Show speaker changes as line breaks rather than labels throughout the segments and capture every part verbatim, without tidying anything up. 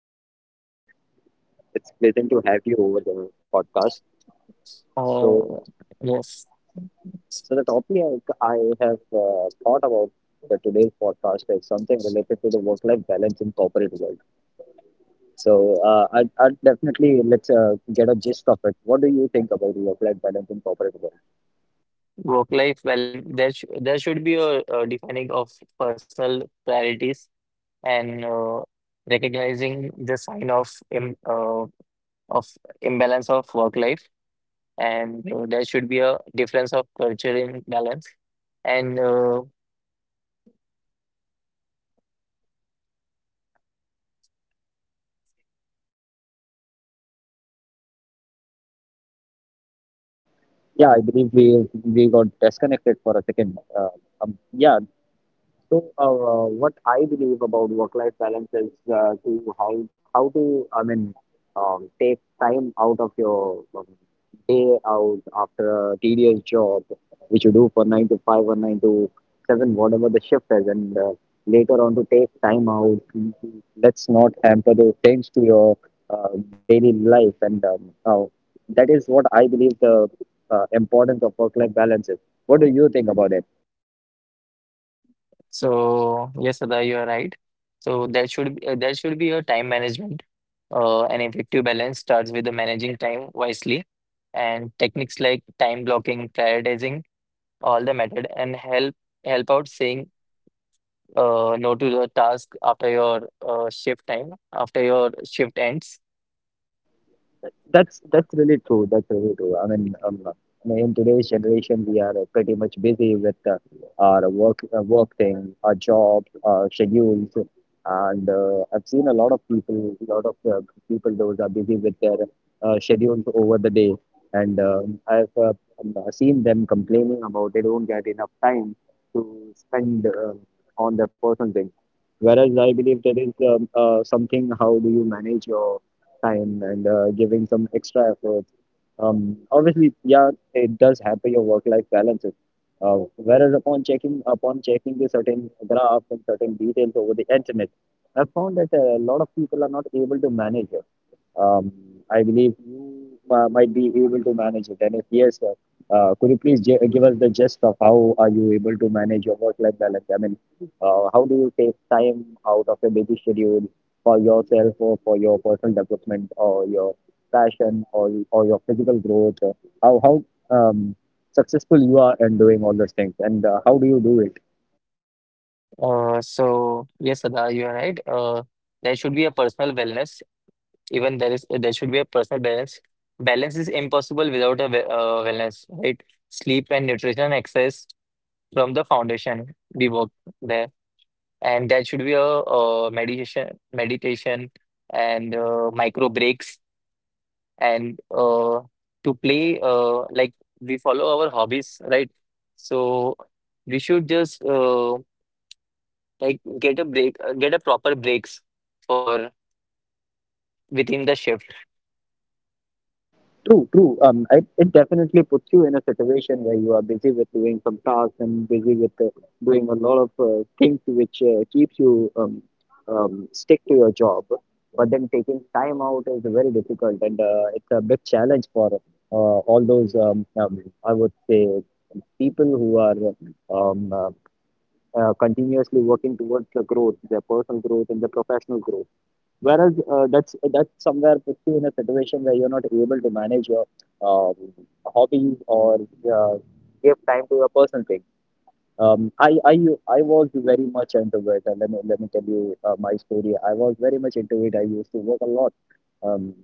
this side Sadabar. It's pleasant to have you over the podcast. So,
Uh, yes,
so the topic I I have uh, thought about for today's podcast is something related to the work-life balance in corporate world. So, uh, I'd, I'd definitely let's uh, get a gist of it. What do you think about work-life balance in corporate world?
work-life balance. There sh there should be a, a defining of personal priorities and uh, recognizing the sign of im uh, of imbalance of work life, and uh, there should be a difference of culture in balance. And uh,
Yeah, I believe we we got disconnected for a second. Uh, um, yeah, so, uh, what I believe about work-life balance is uh, to how how to I mean um, take time out of your um, day out after a tedious job, which you do for nine to five or nine to seven, whatever the shift is, and uh, later on to take time out. to- to- Let's not hamper those things to your uh, daily life, and um, uh, that is what I believe the uh, importance of work-life balance is. What do you think about it?
so, yes, Sada, you are right. So there should be, uh, there should be a time management. Uh, an effective balance starts with the managing time wisely and techniques like time blocking, prioritizing all the method and help help out saying uh, no to the task after your uh, shift time after your shift ends.
That's that's really true. That's really true. I mean, um, I mean, in today's generation, we are uh, pretty much busy with uh, our work, uh, work thing, our job, our schedules, and uh, I've seen a lot of people, a lot of uh, people, those are busy with their uh, schedules over the day, and um I've uh, um, uh, seen them complaining about they don't get enough time to spend uh, on their personal thing. Whereas I believe there is um, uh, something. How do you manage your time and uh, giving some extra effort. Um, obviously, yeah, it does hamper your work-life balances. Uh, whereas upon checking upon checking the certain graphs and certain details over the internet, I found that a lot of people are not able to manage it. Um, I believe you uh, might be able to manage it. And if yes, uh, uh, could you please gi- give us the gist of how are you able to manage your work-life balance? I mean, uh, how do you take time out of your busy schedule for yourself or for your personal development or your passion or or your physical growth? Uh, how how um, successful you are in doing all those things, and uh, how do you do it?
Uh, so yes, Sada, you're right. Uh, there should be a personal wellness. Even there is There should be a personal balance. Balance is impossible without a we- uh, wellness, right? Sleep and nutrition and exercise from the foundation we work there, and that should be a uh, meditation meditation and uh, micro breaks and uh, to play, uh, like, we follow our hobbies, right? So we should just, uh, like get a break, uh, get a proper breaks for within the shift.
True, true. Um, it, it definitely puts you in a situation where you are busy with doing some tasks and busy with uh, doing a lot of uh, things which uh, keeps you um, um, stick to your job. But then taking time out is very difficult, and uh, it's a big challenge for uh, all those um, um, I would say people who are um, uh, uh, continuously working towards the growth, their personal growth and the professional growth. Whereas uh, that's that's somewhere puts you in a situation where you're not able to manage your um, hobbies or uh, give time to your personal thing. Um, I I I was very much into it. And let me let me tell you uh, my story. I was very much into it. I used to work a lot. Um,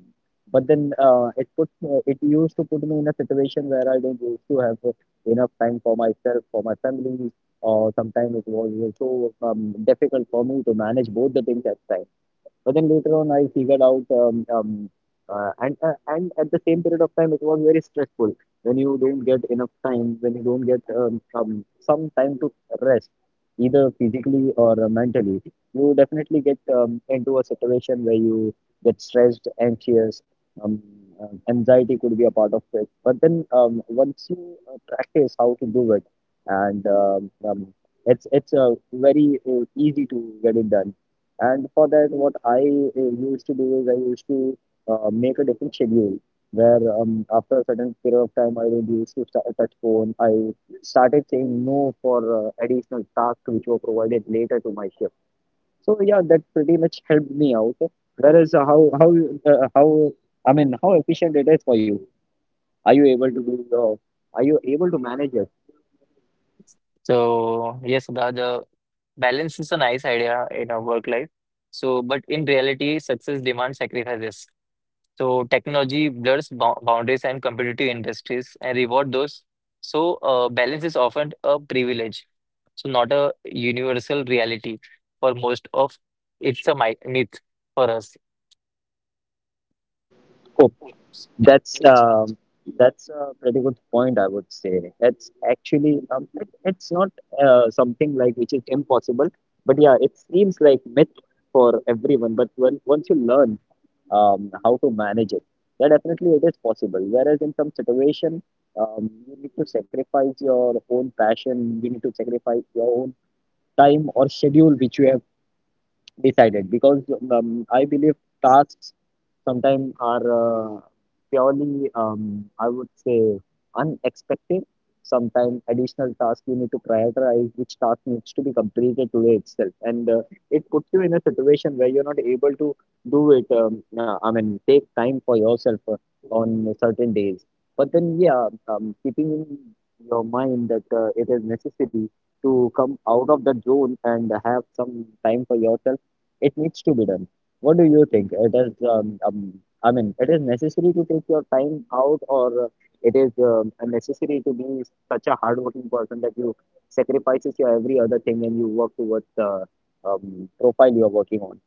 but then uh, it put uh, it used to put me in a situation where I don't used to have enough time for myself, for my family, or sometimes it was so um, difficult for me to manage both the things at time. But then later on, I figured out, um, um, uh, and uh, and at the same period of time, it was very stressful when you don't get enough time, when you don't get um, um, some time to rest, either physically or uh, mentally. You definitely get um, into a situation where you get stressed, anxious. Um, um, Anxiety could be a part of it, but then um, once you uh, practice how to do it, and um, um, it's it's uh, very uh, easy to get it done, and for that, what I uh, used to do is I used to uh, make a different schedule where um, after a certain period of time, I would used to start, touch phone. I started saying no for uh, additional tasks which were provided later to my shift. So yeah, that pretty much helped me out. Whereas uh, how how uh, how I mean how efficient it is for you? Are you able to do? Uh, are you able to manage it?
So yes, the, the balance is a nice idea in our work life, so but in reality success demands sacrifices. So technology blurs bou- boundaries and competitive industries and reward those. So uh, balance is often a privilege, so not a universal reality for most of it's a mi- myth for us.
That's um, that's a pretty good point, I would say. That's actually um, it, it's not uh, something like which is impossible, but yeah, it seems like myth for everyone. But when once you learn um, how to manage it, yeah, definitely it is possible. Whereas in some situation, um, you need to sacrifice your own passion, you need to sacrifice your own time or schedule which you have decided because um, I believe tasks sometimes are uh, purely, um, I would say, unexpected. Sometimes additional tasks you need to prioritize which task needs to be completed today itself, and uh, it puts you in a situation where you're not able to do it. Um, uh, I mean, take time for yourself uh, on certain days. But then, yeah, um, keeping in your mind that uh, it is necessary to come out of the zone and have some time for yourself, it needs to be done. What do you think? It is, um, um, I mean, it is necessary to take your time out, or uh, it is um, necessary to be such a hardworking person that you sacrifices your every other thing and you work towards the um, profile you are working on.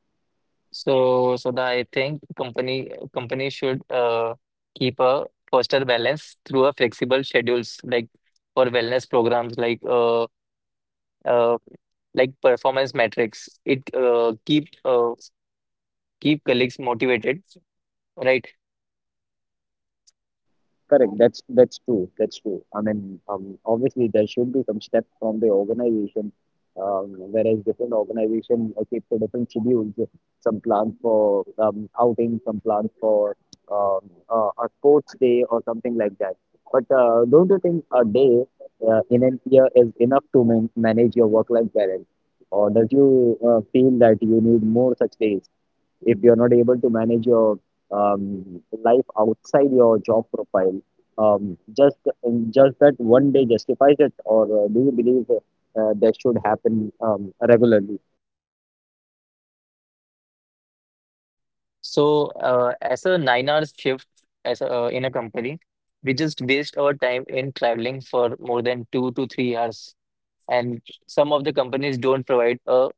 So so that I think company company should uh, keep a foster balance through a flexible schedules like for wellness programs like uh, uh, like performance metrics. It uh, keep uh, keep colleagues motivated, right?
Correct. That's that's true. That's true. I mean, um, obviously there should be some steps from the organization, um, whereas different organizations keep the different schedules. Some plan for um, outing, some plan for um, uh, a sports day or something like that. But uh, don't you think a day uh, in an year is enough to man- manage your work-life balance, or do you uh, feel that you need more such days? If you're not able to manage your um, life outside your job profile, um, just um, just that one day justifies it? Or uh, do you believe uh, uh, that should happen um, regularly?
So, uh, as a nine hours shift as a, uh, in a company, we just waste our time in traveling for more than two to three hours. And some of the companies don't provide a,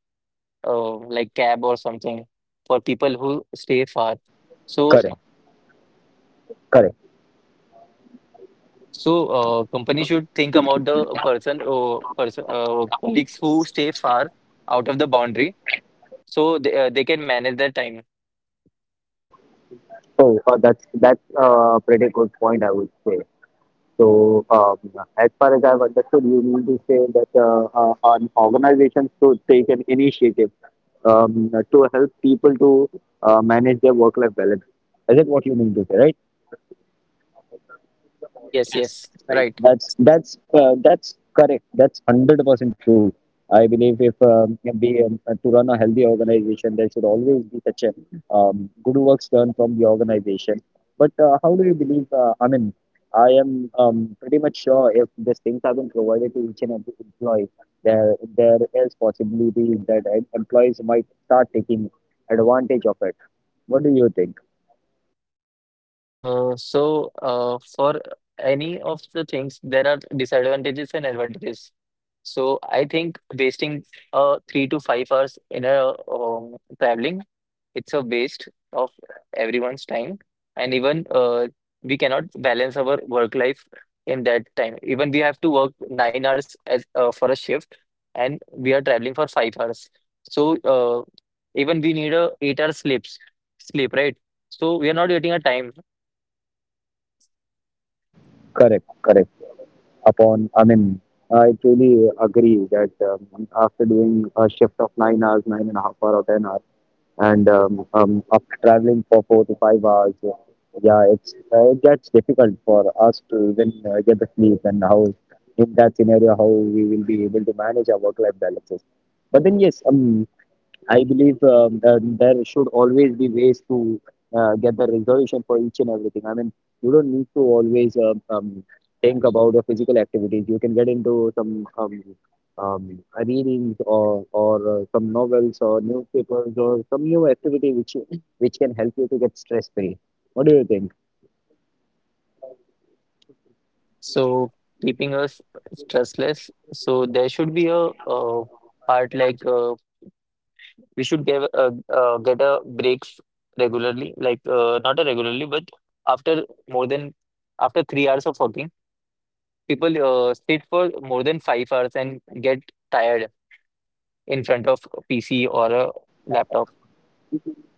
a like cab or something for people who stay far. So,
Correct, correct.
so uh, company should think about the person or person, uh, colleagues who stay far out of the boundary, so they uh, they can manage their time.
So uh, that's that's uh, a pretty good point, I would say. So um, as far as I've understood, you mean to say that uh, uh, an organization should take an initiative um, to help people to uh, manage their work life balance. Is it what you mean to say, right?
Yes, yes, right.
That's that's uh, that's correct. That's hundred percent true. I believe if um, we um, uh, to run a healthy organization, there should always be such a um, good works done from the organization. But uh, how do you believe? Uh, I mean, I am um, pretty much sure if these things have been provided to each and every employee, there there is possibility that em- employees might start taking advantage of it. What do you think?
Uh, so, uh, for any of the things, there are disadvantages and advantages. So I think wasting uh, three to five hours in a um, traveling, it's a waste of everyone's time. And even uh, we cannot balance our work life in that time. Even we have to work nine hours as uh, for a shift, and we are traveling for five hours. So, uh, even we need a eight hour sleeps, sleep, right? So we are not getting a time.
Correct. Correct. Upon I mean I truly agree that um, after doing a shift of nine hours, nine and a half hour or ten hours, and um, um, after traveling for four to five hours, yeah, it's uh, it gets difficult for us to even uh, get the sleep. And how in that scenario how we will be able to manage our work life balances? But then yes, um, I believe um, uh, there should always be ways to uh, get the resolution for each and everything. I mean, you don't need to always um, um, think about the physical activities. You can get into some um, um, readings or or uh, some novels or newspapers or some new activity which you, which can help you to get stress free. What do you think?
So keeping us stressless. So there should be a, uh part like, uh, we should give a, uh, get a breaks regularly, like, uh, not a regularly, but after more than after three hours of working, people uh, sit for more than five hours and get tired in front of a P C or a laptop.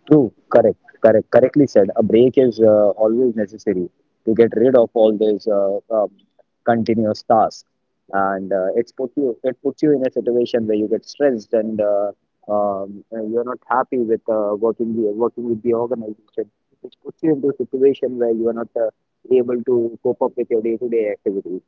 True, correct, correct, correctly said. A break is uh, always necessary to get rid of all these uh, uh, continuous tasks, and uh, it's put you it puts you in a situation where you get stressed, and uh, um, uh, you're not happy with uh, working the, working with the organization, which puts you into a situation where you are not uh, able to cope up with your day-to-day activities.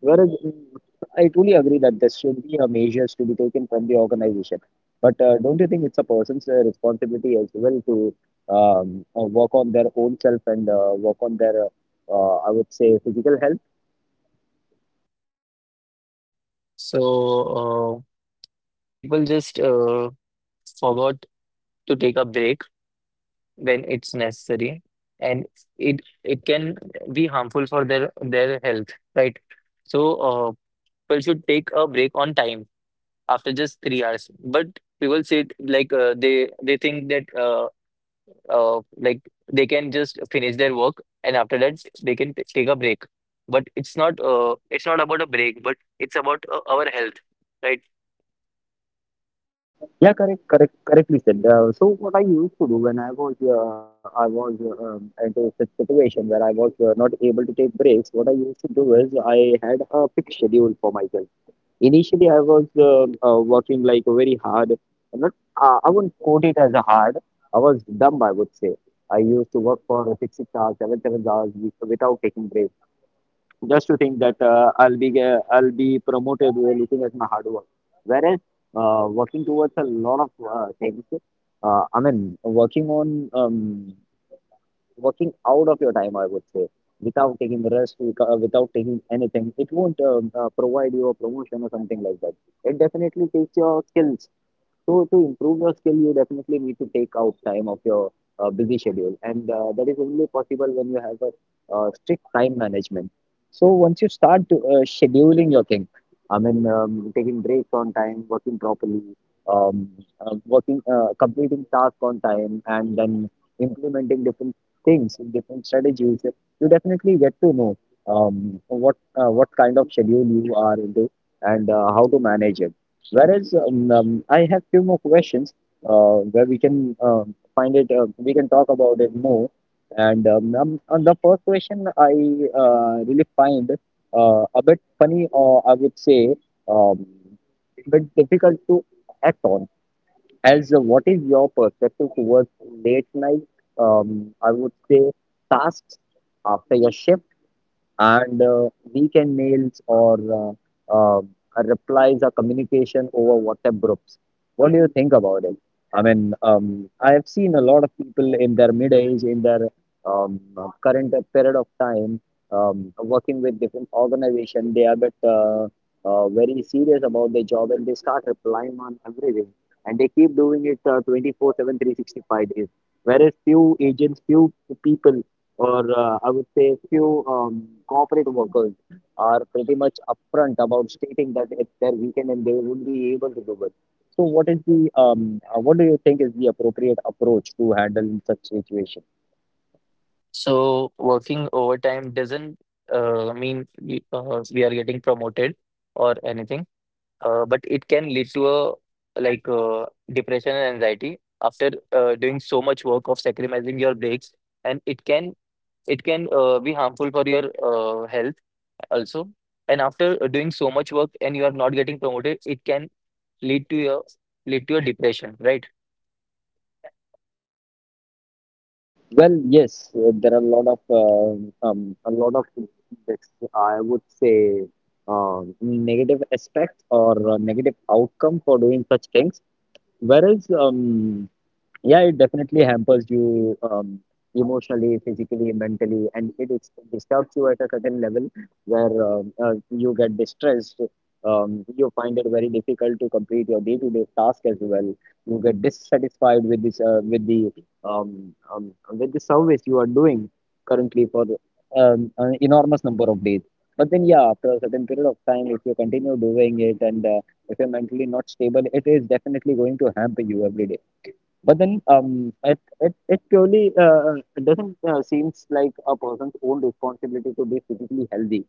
Whereas mm, I truly agree that there should be a measures to be taken from the organization. But uh, don't you think it's a person's uh, responsibility as well to um, uh, work on their own self and uh, work on their, uh, uh, I would say, physical health?
So uh, people just uh, forgot to take a break when it's necessary, and it it can be harmful for their their health, right? So uh, people should take a break on time after just three hours, but people say it like, uh, they they think that, uh, uh, like they can just finish their work and after that they can t- take a break. But it's not, uh, it's not about a break, but it's about uh, our health, right?
Yeah, correct, correct, correctly said. Uh, so what I used to do when I was uh, I was uh, um, into such situation where I was uh, not able to take breaks, what I used to do is I had a fixed schedule for myself. Initially, I was uh, uh, working like very hard. Not, uh, I wouldn't quote it as a hard. I was dumb, I would say. I used to work for six, six hours, seven, seven hours wi- without taking breaks, just to think that uh, I'll be uh, I'll be promoted. We are looking at my hard work. Whereas uh, working towards a lot of uh, things, uh, I mean, working on um, working out of your time, I would say, without taking rest, wica- uh, without taking anything. It won't um, uh, provide you a promotion or something like that. It definitely takes your skills, so to improve your skill, you definitely need to take out time of your uh, busy schedule, and uh, that is only possible when you have a uh, strict time management. So once you start to uh, scheduling your thing, I mean, um, taking breaks on time, working properly, um, uh, working, uh, completing tasks on time, and then implementing different things, different strategies, you definitely get to know um, what uh, what kind of schedule you are into, and uh, how to manage it. Whereas, um, um, I have few more questions uh, where we can um, find it, uh, we can talk about it more. And um, um, on the first question, I uh, really find uh, a bit funny, or I would say um, a bit difficult to act on. As uh, what is your perspective towards late night? Um, I would say tasks after your shift, and uh, we can mails or uh, uh, replies or communication over WhatsApp groups. What do you think about it? I mean, um, I have seen a lot of people in their mid age, in their um, current period of time, um, working with different organization. They are but uh, uh, very serious about their job, and they start replying on everything, and they keep doing it uh, twenty-four seven, three hundred sixty-five days. Whereas few agents, few people, or uh, I would say few um, corporate workers are pretty much upfront about stating that it's their weekend and they would be able to do it. So, what is the um, uh, what do you think is the appropriate approach to handle in such situation?
So working overtime doesn't uh, mean we, uh, we are getting promoted or anything. Uh, but it can lead to a, like uh, depression and anxiety after uh, doing so much work of sacrificing your breaks. And it can it can uh, be harmful for your uh, health also. And after uh, doing so much work and you are not getting promoted, it can lead to your lead to a depression, right?
Well, yes, uh, there are a lot of uh, um, a lot of this, I would say, um negative aspects or uh, negative outcome for doing such things. Whereas, um, yeah, it definitely hampers you um, emotionally, physically, mentally, and it is, disturbs you at a certain level where um, uh, you get distressed. Um, you find it very difficult to complete your day-to-day task as well. You get dissatisfied with this, uh, with the um, um, with the service you are doing currently for um, an enormous number of days. But then, yeah, after a certain period of time, if you continue doing it, and uh, if you're mentally not stable, it is definitely going to hamper you every day. But then, um, it, it, it purely uh, it doesn't uh, seems like a person's own responsibility to be physically healthy.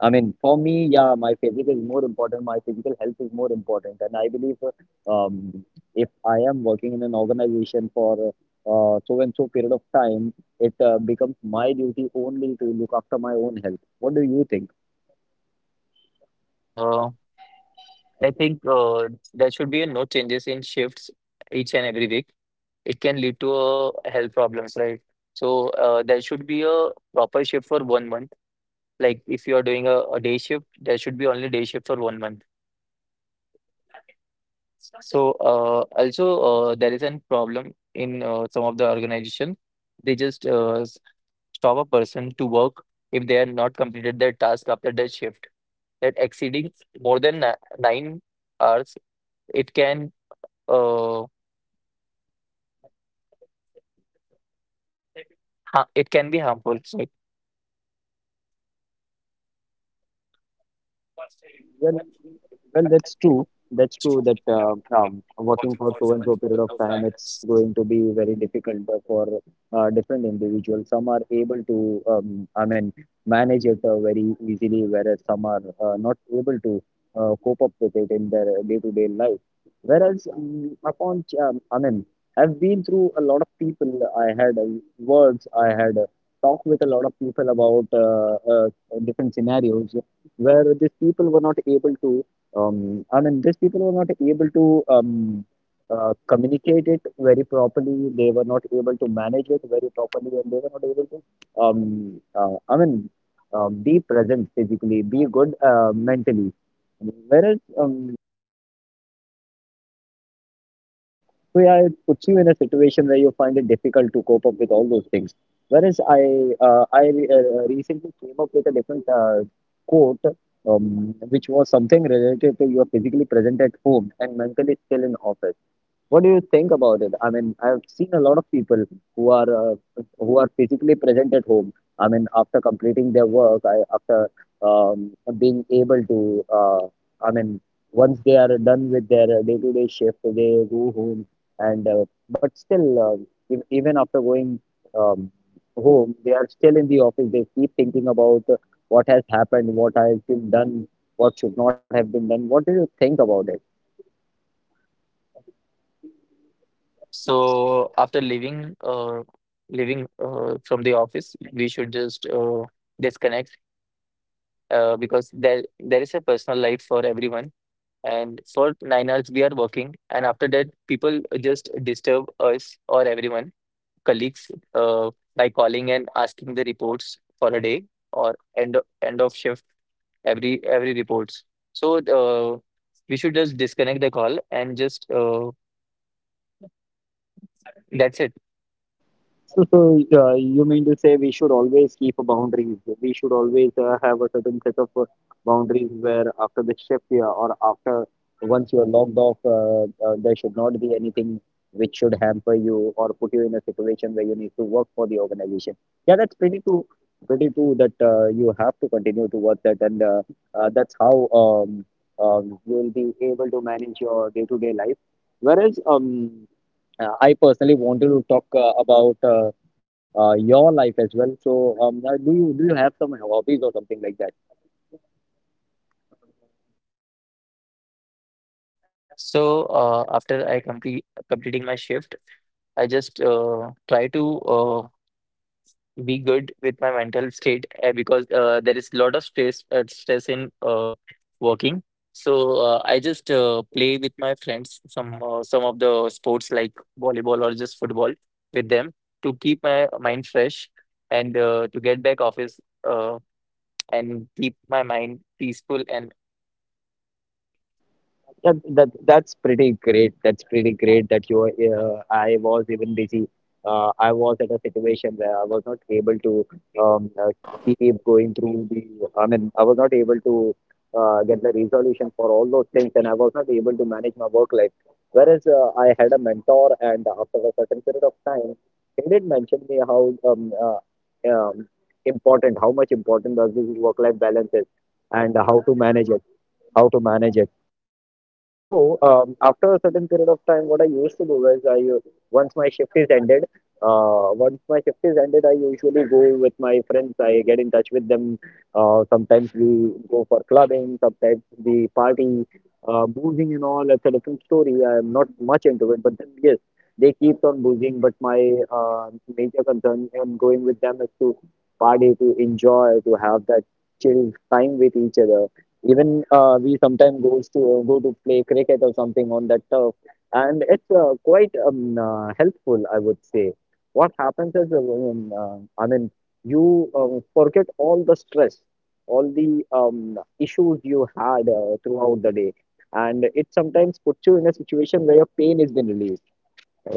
I mean, for me, yeah, my physical is more important. My physical health is more important, and I believe uh, um, if I am working in an organization for uh, so and so period of time, it uh, becomes my duty only to look after my own health. What do you think?
uh, I think uh, there should be no changes in shifts each and every week. It can lead to uh, health problems, right? So uh, there should be a proper shift for one month. Like if you are doing a, a day shift, there should be only day shift for one month. So uh, also uh, there is a problem in uh, some of the organization. They just uh, s- stop a person to work if they are not completed their task after their shift. That exceeding more than ni- nine hours, it can uh, ha it can be harmful.
Well, Well, that's true. That's true that uh, um, working for so and so period of time,
Right?
it's going to be very difficult uh, for uh, different individuals. Some are able to, um, I mean, manage it uh, very easily, whereas some are uh, not able to uh, cope up with it in their day-to-day life. Whereas, um, upon, ch- um, I mean, I've been through a lot of people. I had uh, words. I had uh, talked with a lot of people about uh, uh, different scenarios where these people were not able to um, I mean, these people were not able to um, uh, communicate it very properly. They were not able to manage it very properly, and they were not able to, um, uh, I mean, um, be present physically, be good uh, mentally. Whereas, um, so yeah, it puts you in a situation where you find it difficult to cope up with all those things. Whereas I, uh, I uh, recently came up with a different uh, quote, um, which was something related to you're physically present at home and mentally still in office. What do you think about it? I mean, I've seen a lot of people who are uh, who are physically present at home. I mean, after completing their work, I, after um, being able to, uh, I mean, once they are done with their uh, day-to-day shift, they go home. And uh, but still, uh, ev- even after going um, home, they are still in the office. They keep thinking about uh, what has happened, what has been done, what should not have been done. What do you think about it?
So after leaving, uh, leaving uh, from the office, we should just uh, disconnect, uh, because there there is a personal life for everyone. And for nine hours we are working, and after that people just disturb us or everyone, colleagues, uh, by calling and asking the reports for a day or end of, end of shift, every every reports. So uh, we should just disconnect the call and just, uh, that's it.
So, so uh, you mean to say we should always keep a boundaries? We should always uh, have a certain set of uh, boundaries where after the shift, yeah, or after once you are logged off, uh, uh, there should not be anything which should hamper you or put you in a situation where you need to work for the organization. Yeah, that's pretty true. Pretty true that uh, you have to continue to work that, and uh, uh, that's how um, um, you will be able to manage your day-to-day life. Whereas, um, uh, I personally wanted to talk uh, about uh, uh, your life as well. So, um, uh, do you do you have some hobbies or something like that?
So uh, after I complete completing my shift, I just uh, try to uh, be good with my mental state, uh, because uh, there is a lot of stress uh, stress in uh, working. So uh, I just uh, play with my friends some, uh, some of the sports like volleyball or just football with them to keep my mind fresh and uh, to get back office, uh, and keep my mind peaceful and
Yeah, that that's pretty great. That's pretty great that you. Uh, I was even busy. Uh, I was at a situation where I was not able to um, uh, keep going through the. I mean, I was not able to uh, get the resolution for all those things, and I was not able to manage my work life. Whereas uh, I had a mentor, and after a certain period of time, he did mention me how um, uh, um, important, how much important does this work-life balance is, and how to manage it. How to manage it, so um, after a certain period of time, what I used to do is I u- once my shift is ended, uh, once my shift is ended, I usually go with my friends. I get in touch with them. Uh, sometimes we go for clubbing, sometimes we party, uh, boozing and all. That's a different story. I am not much into it, but then yes, they keep on boozing. But my uh, major concern in going with them is to party, to enjoy, to have that chill time with each other. Even uh, we sometimes goes to go to play cricket or something on that turf, and it's uh, quite um, uh, helpful, I would say. What happens is, uh, um, uh, I mean, you uh, forget all the stress, all the um, issues you had uh, throughout the day, and it sometimes puts you in a situation where your pain has been relieved.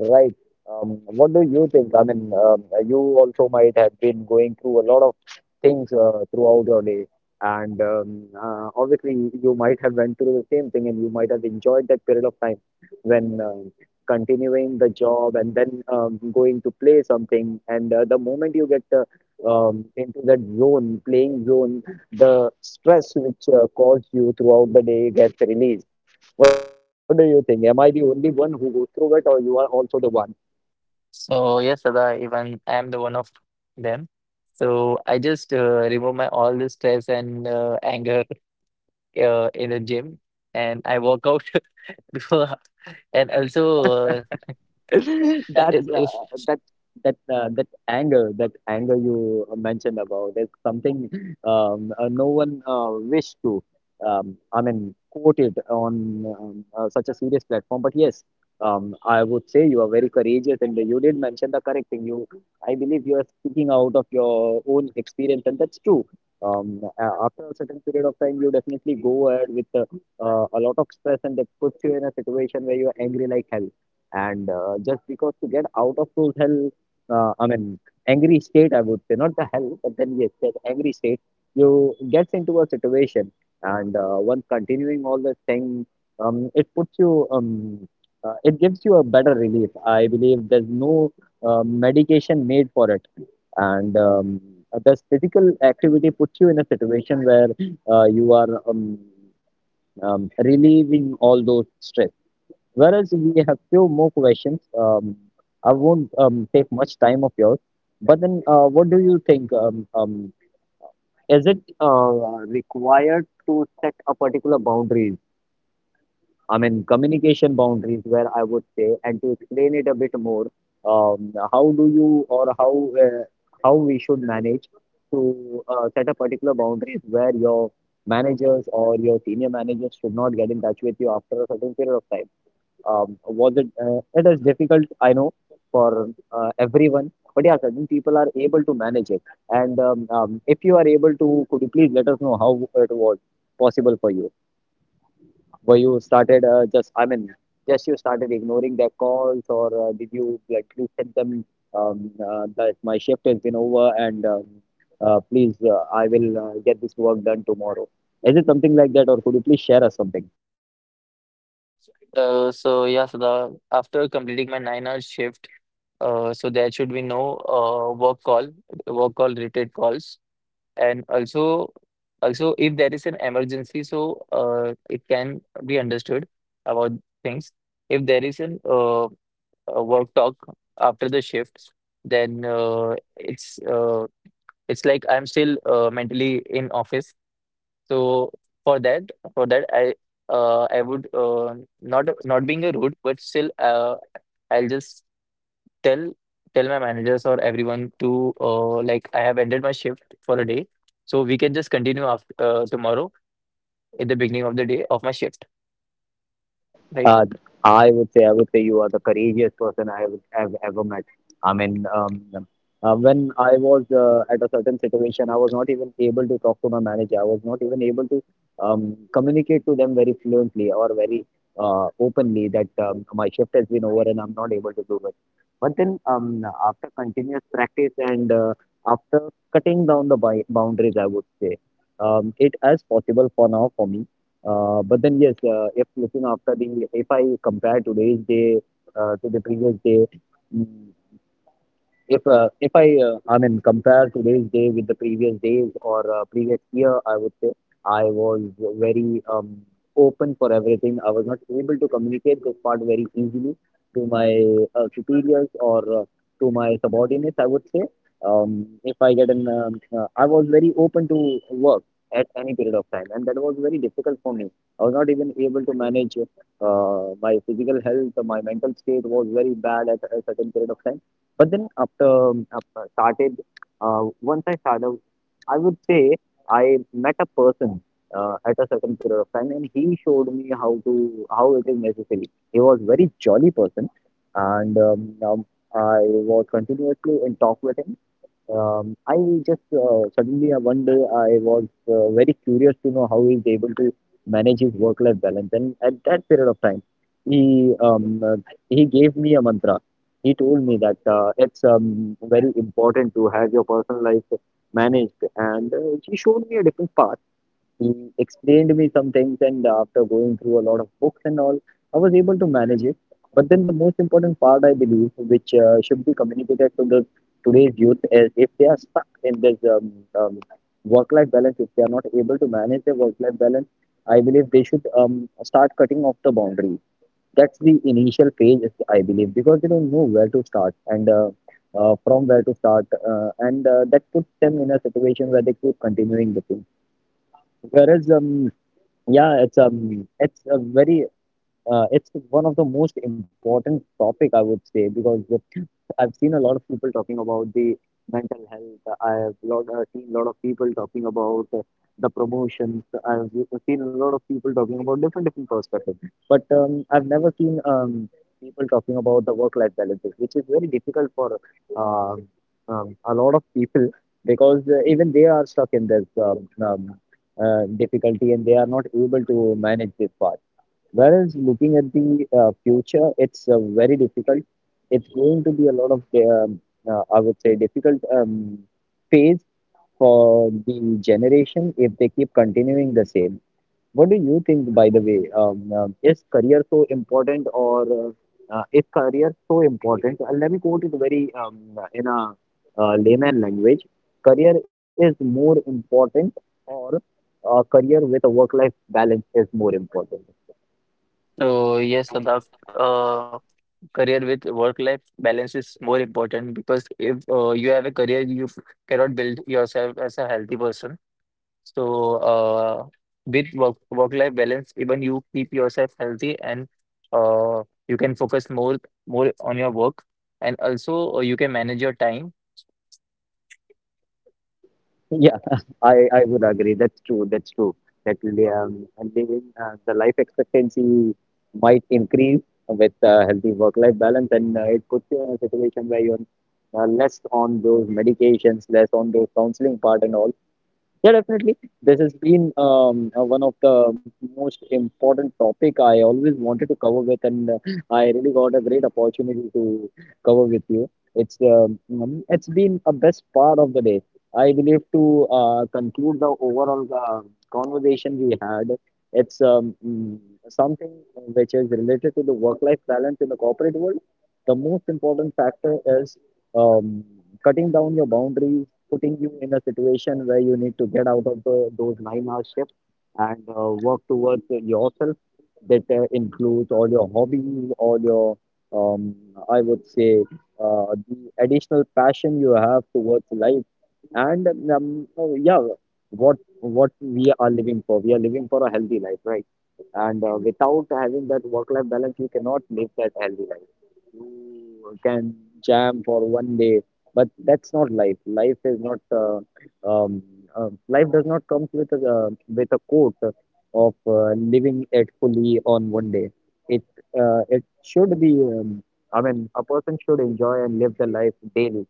Right. Um, what do you think? I mean, um, you also might have been going through a lot of things uh, throughout your day, and um, uh, obviously you might have went through the same thing, and you might have enjoyed that period of time when um continuing the job and then um, going to play something. And uh, the moment you get uh, um, into that zone, playing zone, the stress which uh, caused you throughout the day gets released. What do you think? Am I the only one who goes through it, or you are also the one?
So yes, Sada, even I am the one of them. So I just uh, remove my all the stress and uh, anger uh, in the gym, and I work out before. And also, uh,
That's
it- it's,
uh, that that uh, that anger, that anger you mentioned about is something um, uh, no one uh, wish to. Um, I mean, quote it on um, uh, such a serious platform. But yes, um, I would say you are very courageous, and you did mention the correct thing. You, I believe, you are speaking out of your own experience, and that's true. Um, a- after a certain period of time, you definitely go ahead with uh, uh, a lot of stress, and that puts you in a situation where you are angry like hell, and uh, just because to get out of those hell, uh, I mean angry state, I would say, not the hell, but then yes, that angry state, you gets into a situation, and uh, once continuing all the thing, um, it puts you, um, uh, it gives you a better relief. I believe there's no uh, medication made for it, and um, this physical activity puts you in a situation where uh, you are um, um, relieving all those stress. Whereas we have few more questions. Um, I won't um, take much time of yours. But then, uh, what do you think? Um, um, is it uh, required to set a particular boundaries? I mean, communication boundaries, where I would say, and to explain it a bit more, um, how do you or how uh, how we should manage to uh, set a particular boundaries where your managers or your senior managers should not get in touch with you after a certain period of time. Um, was it? Uh, it is difficult, I know, for uh, everyone. But yeah, certain people are able to manage it. And um, um, If you are able to, could you please let us know how it was possible for you? Were you started uh, just? I mean, Just you started ignoring their calls, or uh, did you like you send them um, uh, that my shift has been over and um, uh, please, uh, I will uh, get this work done tomorrow. Is it something like that, or could you please share us something?
uh, so yeah, Sada, after completing my nine-hour shift, uh, so there should be no uh, work call, work call related calls. And also, also if there is an emergency, so uh, it can be understood about things. If there is an uh, a work talk after the shift, then uh, it's uh, it's like I'm still uh, mentally in office. So for that, for that I uh, I would uh, not not being a rude, but still uh, I'll just tell tell my managers or everyone to uh, like I have ended my shift for a day, so we can just continue after uh, tomorrow at the beginning of the day of my shift, right?
Uh, I would say, I would say you are the courageous person I would have ever met. I mean, um, uh, when I was uh, at a certain situation, I was not even able to talk to my manager. I was not even able to um, communicate to them very fluently or very uh, openly that um, my shift has been over and I'm not able to do it. But then, um, after continuous practice and uh, after cutting down the bi- boundaries, I would say um, it is possible for now for me uh, but then yes, uh, if looking after the if I compare today's day uh, to the previous day, mm, if uh, if I uh, I mean compare today's day with the previous days or uh, previous year, I would say I was very um, open for everything. I was not able to communicate this part very easily to my uh, superiors or uh, to my subordinates. I would say um, if I get an um, uh, I was very open to work at any period of time, and that was very difficult for me. I was not even able to manage uh, my physical health. My mental state was very bad at a certain period of time, but then after after started, uh, once I started, I would say I met a person uh, at a certain period of time, and he showed me how to how it is necessary. He was very jolly person, and um, um, I was continuously in talk with him. um, I just uh, suddenly uh, one day I was uh, very curious to know how he's able to manage his work-life balance. And at that period of time, he um, uh, he gave me a mantra. He told me that uh, it's um, very important to have your personal life managed, and uh, he showed me a different path. He explained me some things, and after going through a lot of books and all, I was able to manage it. But then the most important part, I believe, which uh, should be communicated to the today's youth, is if they are stuck in this um, um, work-life balance, if they are not able to manage their work-life balance, I believe they should um, start cutting off the boundary. That's the initial phase, I believe, because they don't know where to start and uh, uh, from where to start, uh, and uh, that puts them in a situation where they keep continuing the thing. Whereas um, yeah, it's um it's a very uh, it's one of the most important topic I would say, because the, I've seen a lot of people talking about the mental health. I have lot uh, seen a lot of people talking about uh, the promotions. I've seen a lot of people talking about different different perspectives. But um, I've never seen um, people talking about the work life balances, which is very difficult for um um, a lot of people, because uh, even they are stuck in this um, um, uh, difficulty and they are not able to manage this part. Whereas looking at the uh, future, it's uh, very difficult. It's going to be a lot of, um, uh, I would say, difficult um, phase for the generation if they keep continuing the same. What do you think, by the way? Um, uh, is career so important, or uh, uh, Is career so important? Uh, let me quote it very um, in a uh, layman language. Career is more important, or uh, career with a work-life balance is more important.
So yes, Sadaf, uh, career with work-life balance is more important because if uh, you have a career, you cannot build yourself as a healthy person. So, uh, with work work-life balance, even you keep yourself healthy and uh, you can focus more more on your work, and also uh, you can manage your time.
Yeah, I, I would agree. That's true. That's true. That um, living uh, the life expectancy might increase with uh, healthy work-life balance, and uh, it puts you in a situation where you're uh, less on those medications, less on those counseling part, and all. Yeah, definitely. This has been um, uh, one of the most important topic I always wanted to cover with, and uh, I really got a great opportunity to cover with you. It's um, um, it's been a best part of the day. I believe to uh, conclude the overall uh, conversation we had. It's um, mm, something which is related to the work-life balance in the corporate world. The most important factor is um, cutting down your boundaries, putting you in a situation where you need to get out of the, those nine hour shifts, and uh, work towards yourself that uh, includes all your hobbies, all your, um, I would say, uh, the additional passion you have towards life. And um, Oh, yeah, what what we are living for, we are living for a healthy life, right? And uh, without having that work-life balance, you cannot live that healthy life. You can jam for one day, but that's not life. Life is not uh, um, uh, Life does not come with a uh, with a quote of uh, living it fully on one day. it uh, it should be um, I mean, a person should enjoy and live the life daily,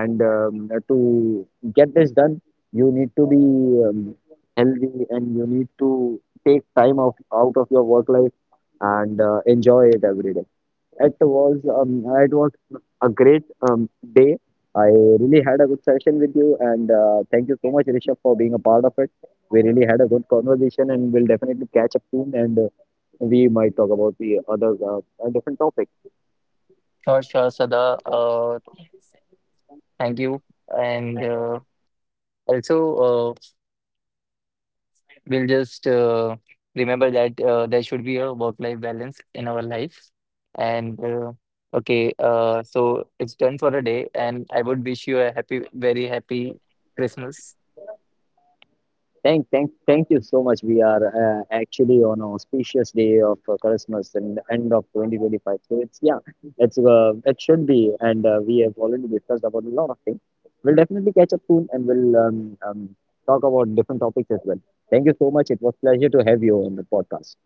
and um, to get this done, you need to be um, healthy, and you need to take time of out of your work life and uh, enjoy it every day. It was um, it was a great um, day. I really had a good session with you, and uh, thank you so much, Rishabh, for being a part of it. We really had a good conversation, and we'll definitely catch up soon, and uh, we might talk about the other uh, different topics.
Sure, sure, Sada. Uh, thank you, and uh, also uh, we'll just uh, remember that uh, there should be a work-life balance in our life. And uh, okay, uh, so it's done for a day, and I would wish you a happy, very happy Christmas.
Thank, thank, thank you so much. We are uh, actually on an auspicious day of uh, Christmas and end of twenty twenty-five. So it's yeah, it's uh, it should be, and uh, we have already discussed about a lot of things. We'll definitely catch up soon, and we'll um, um, talk about different topics as well. Thank you so much. It was pleasure to have you on the podcast.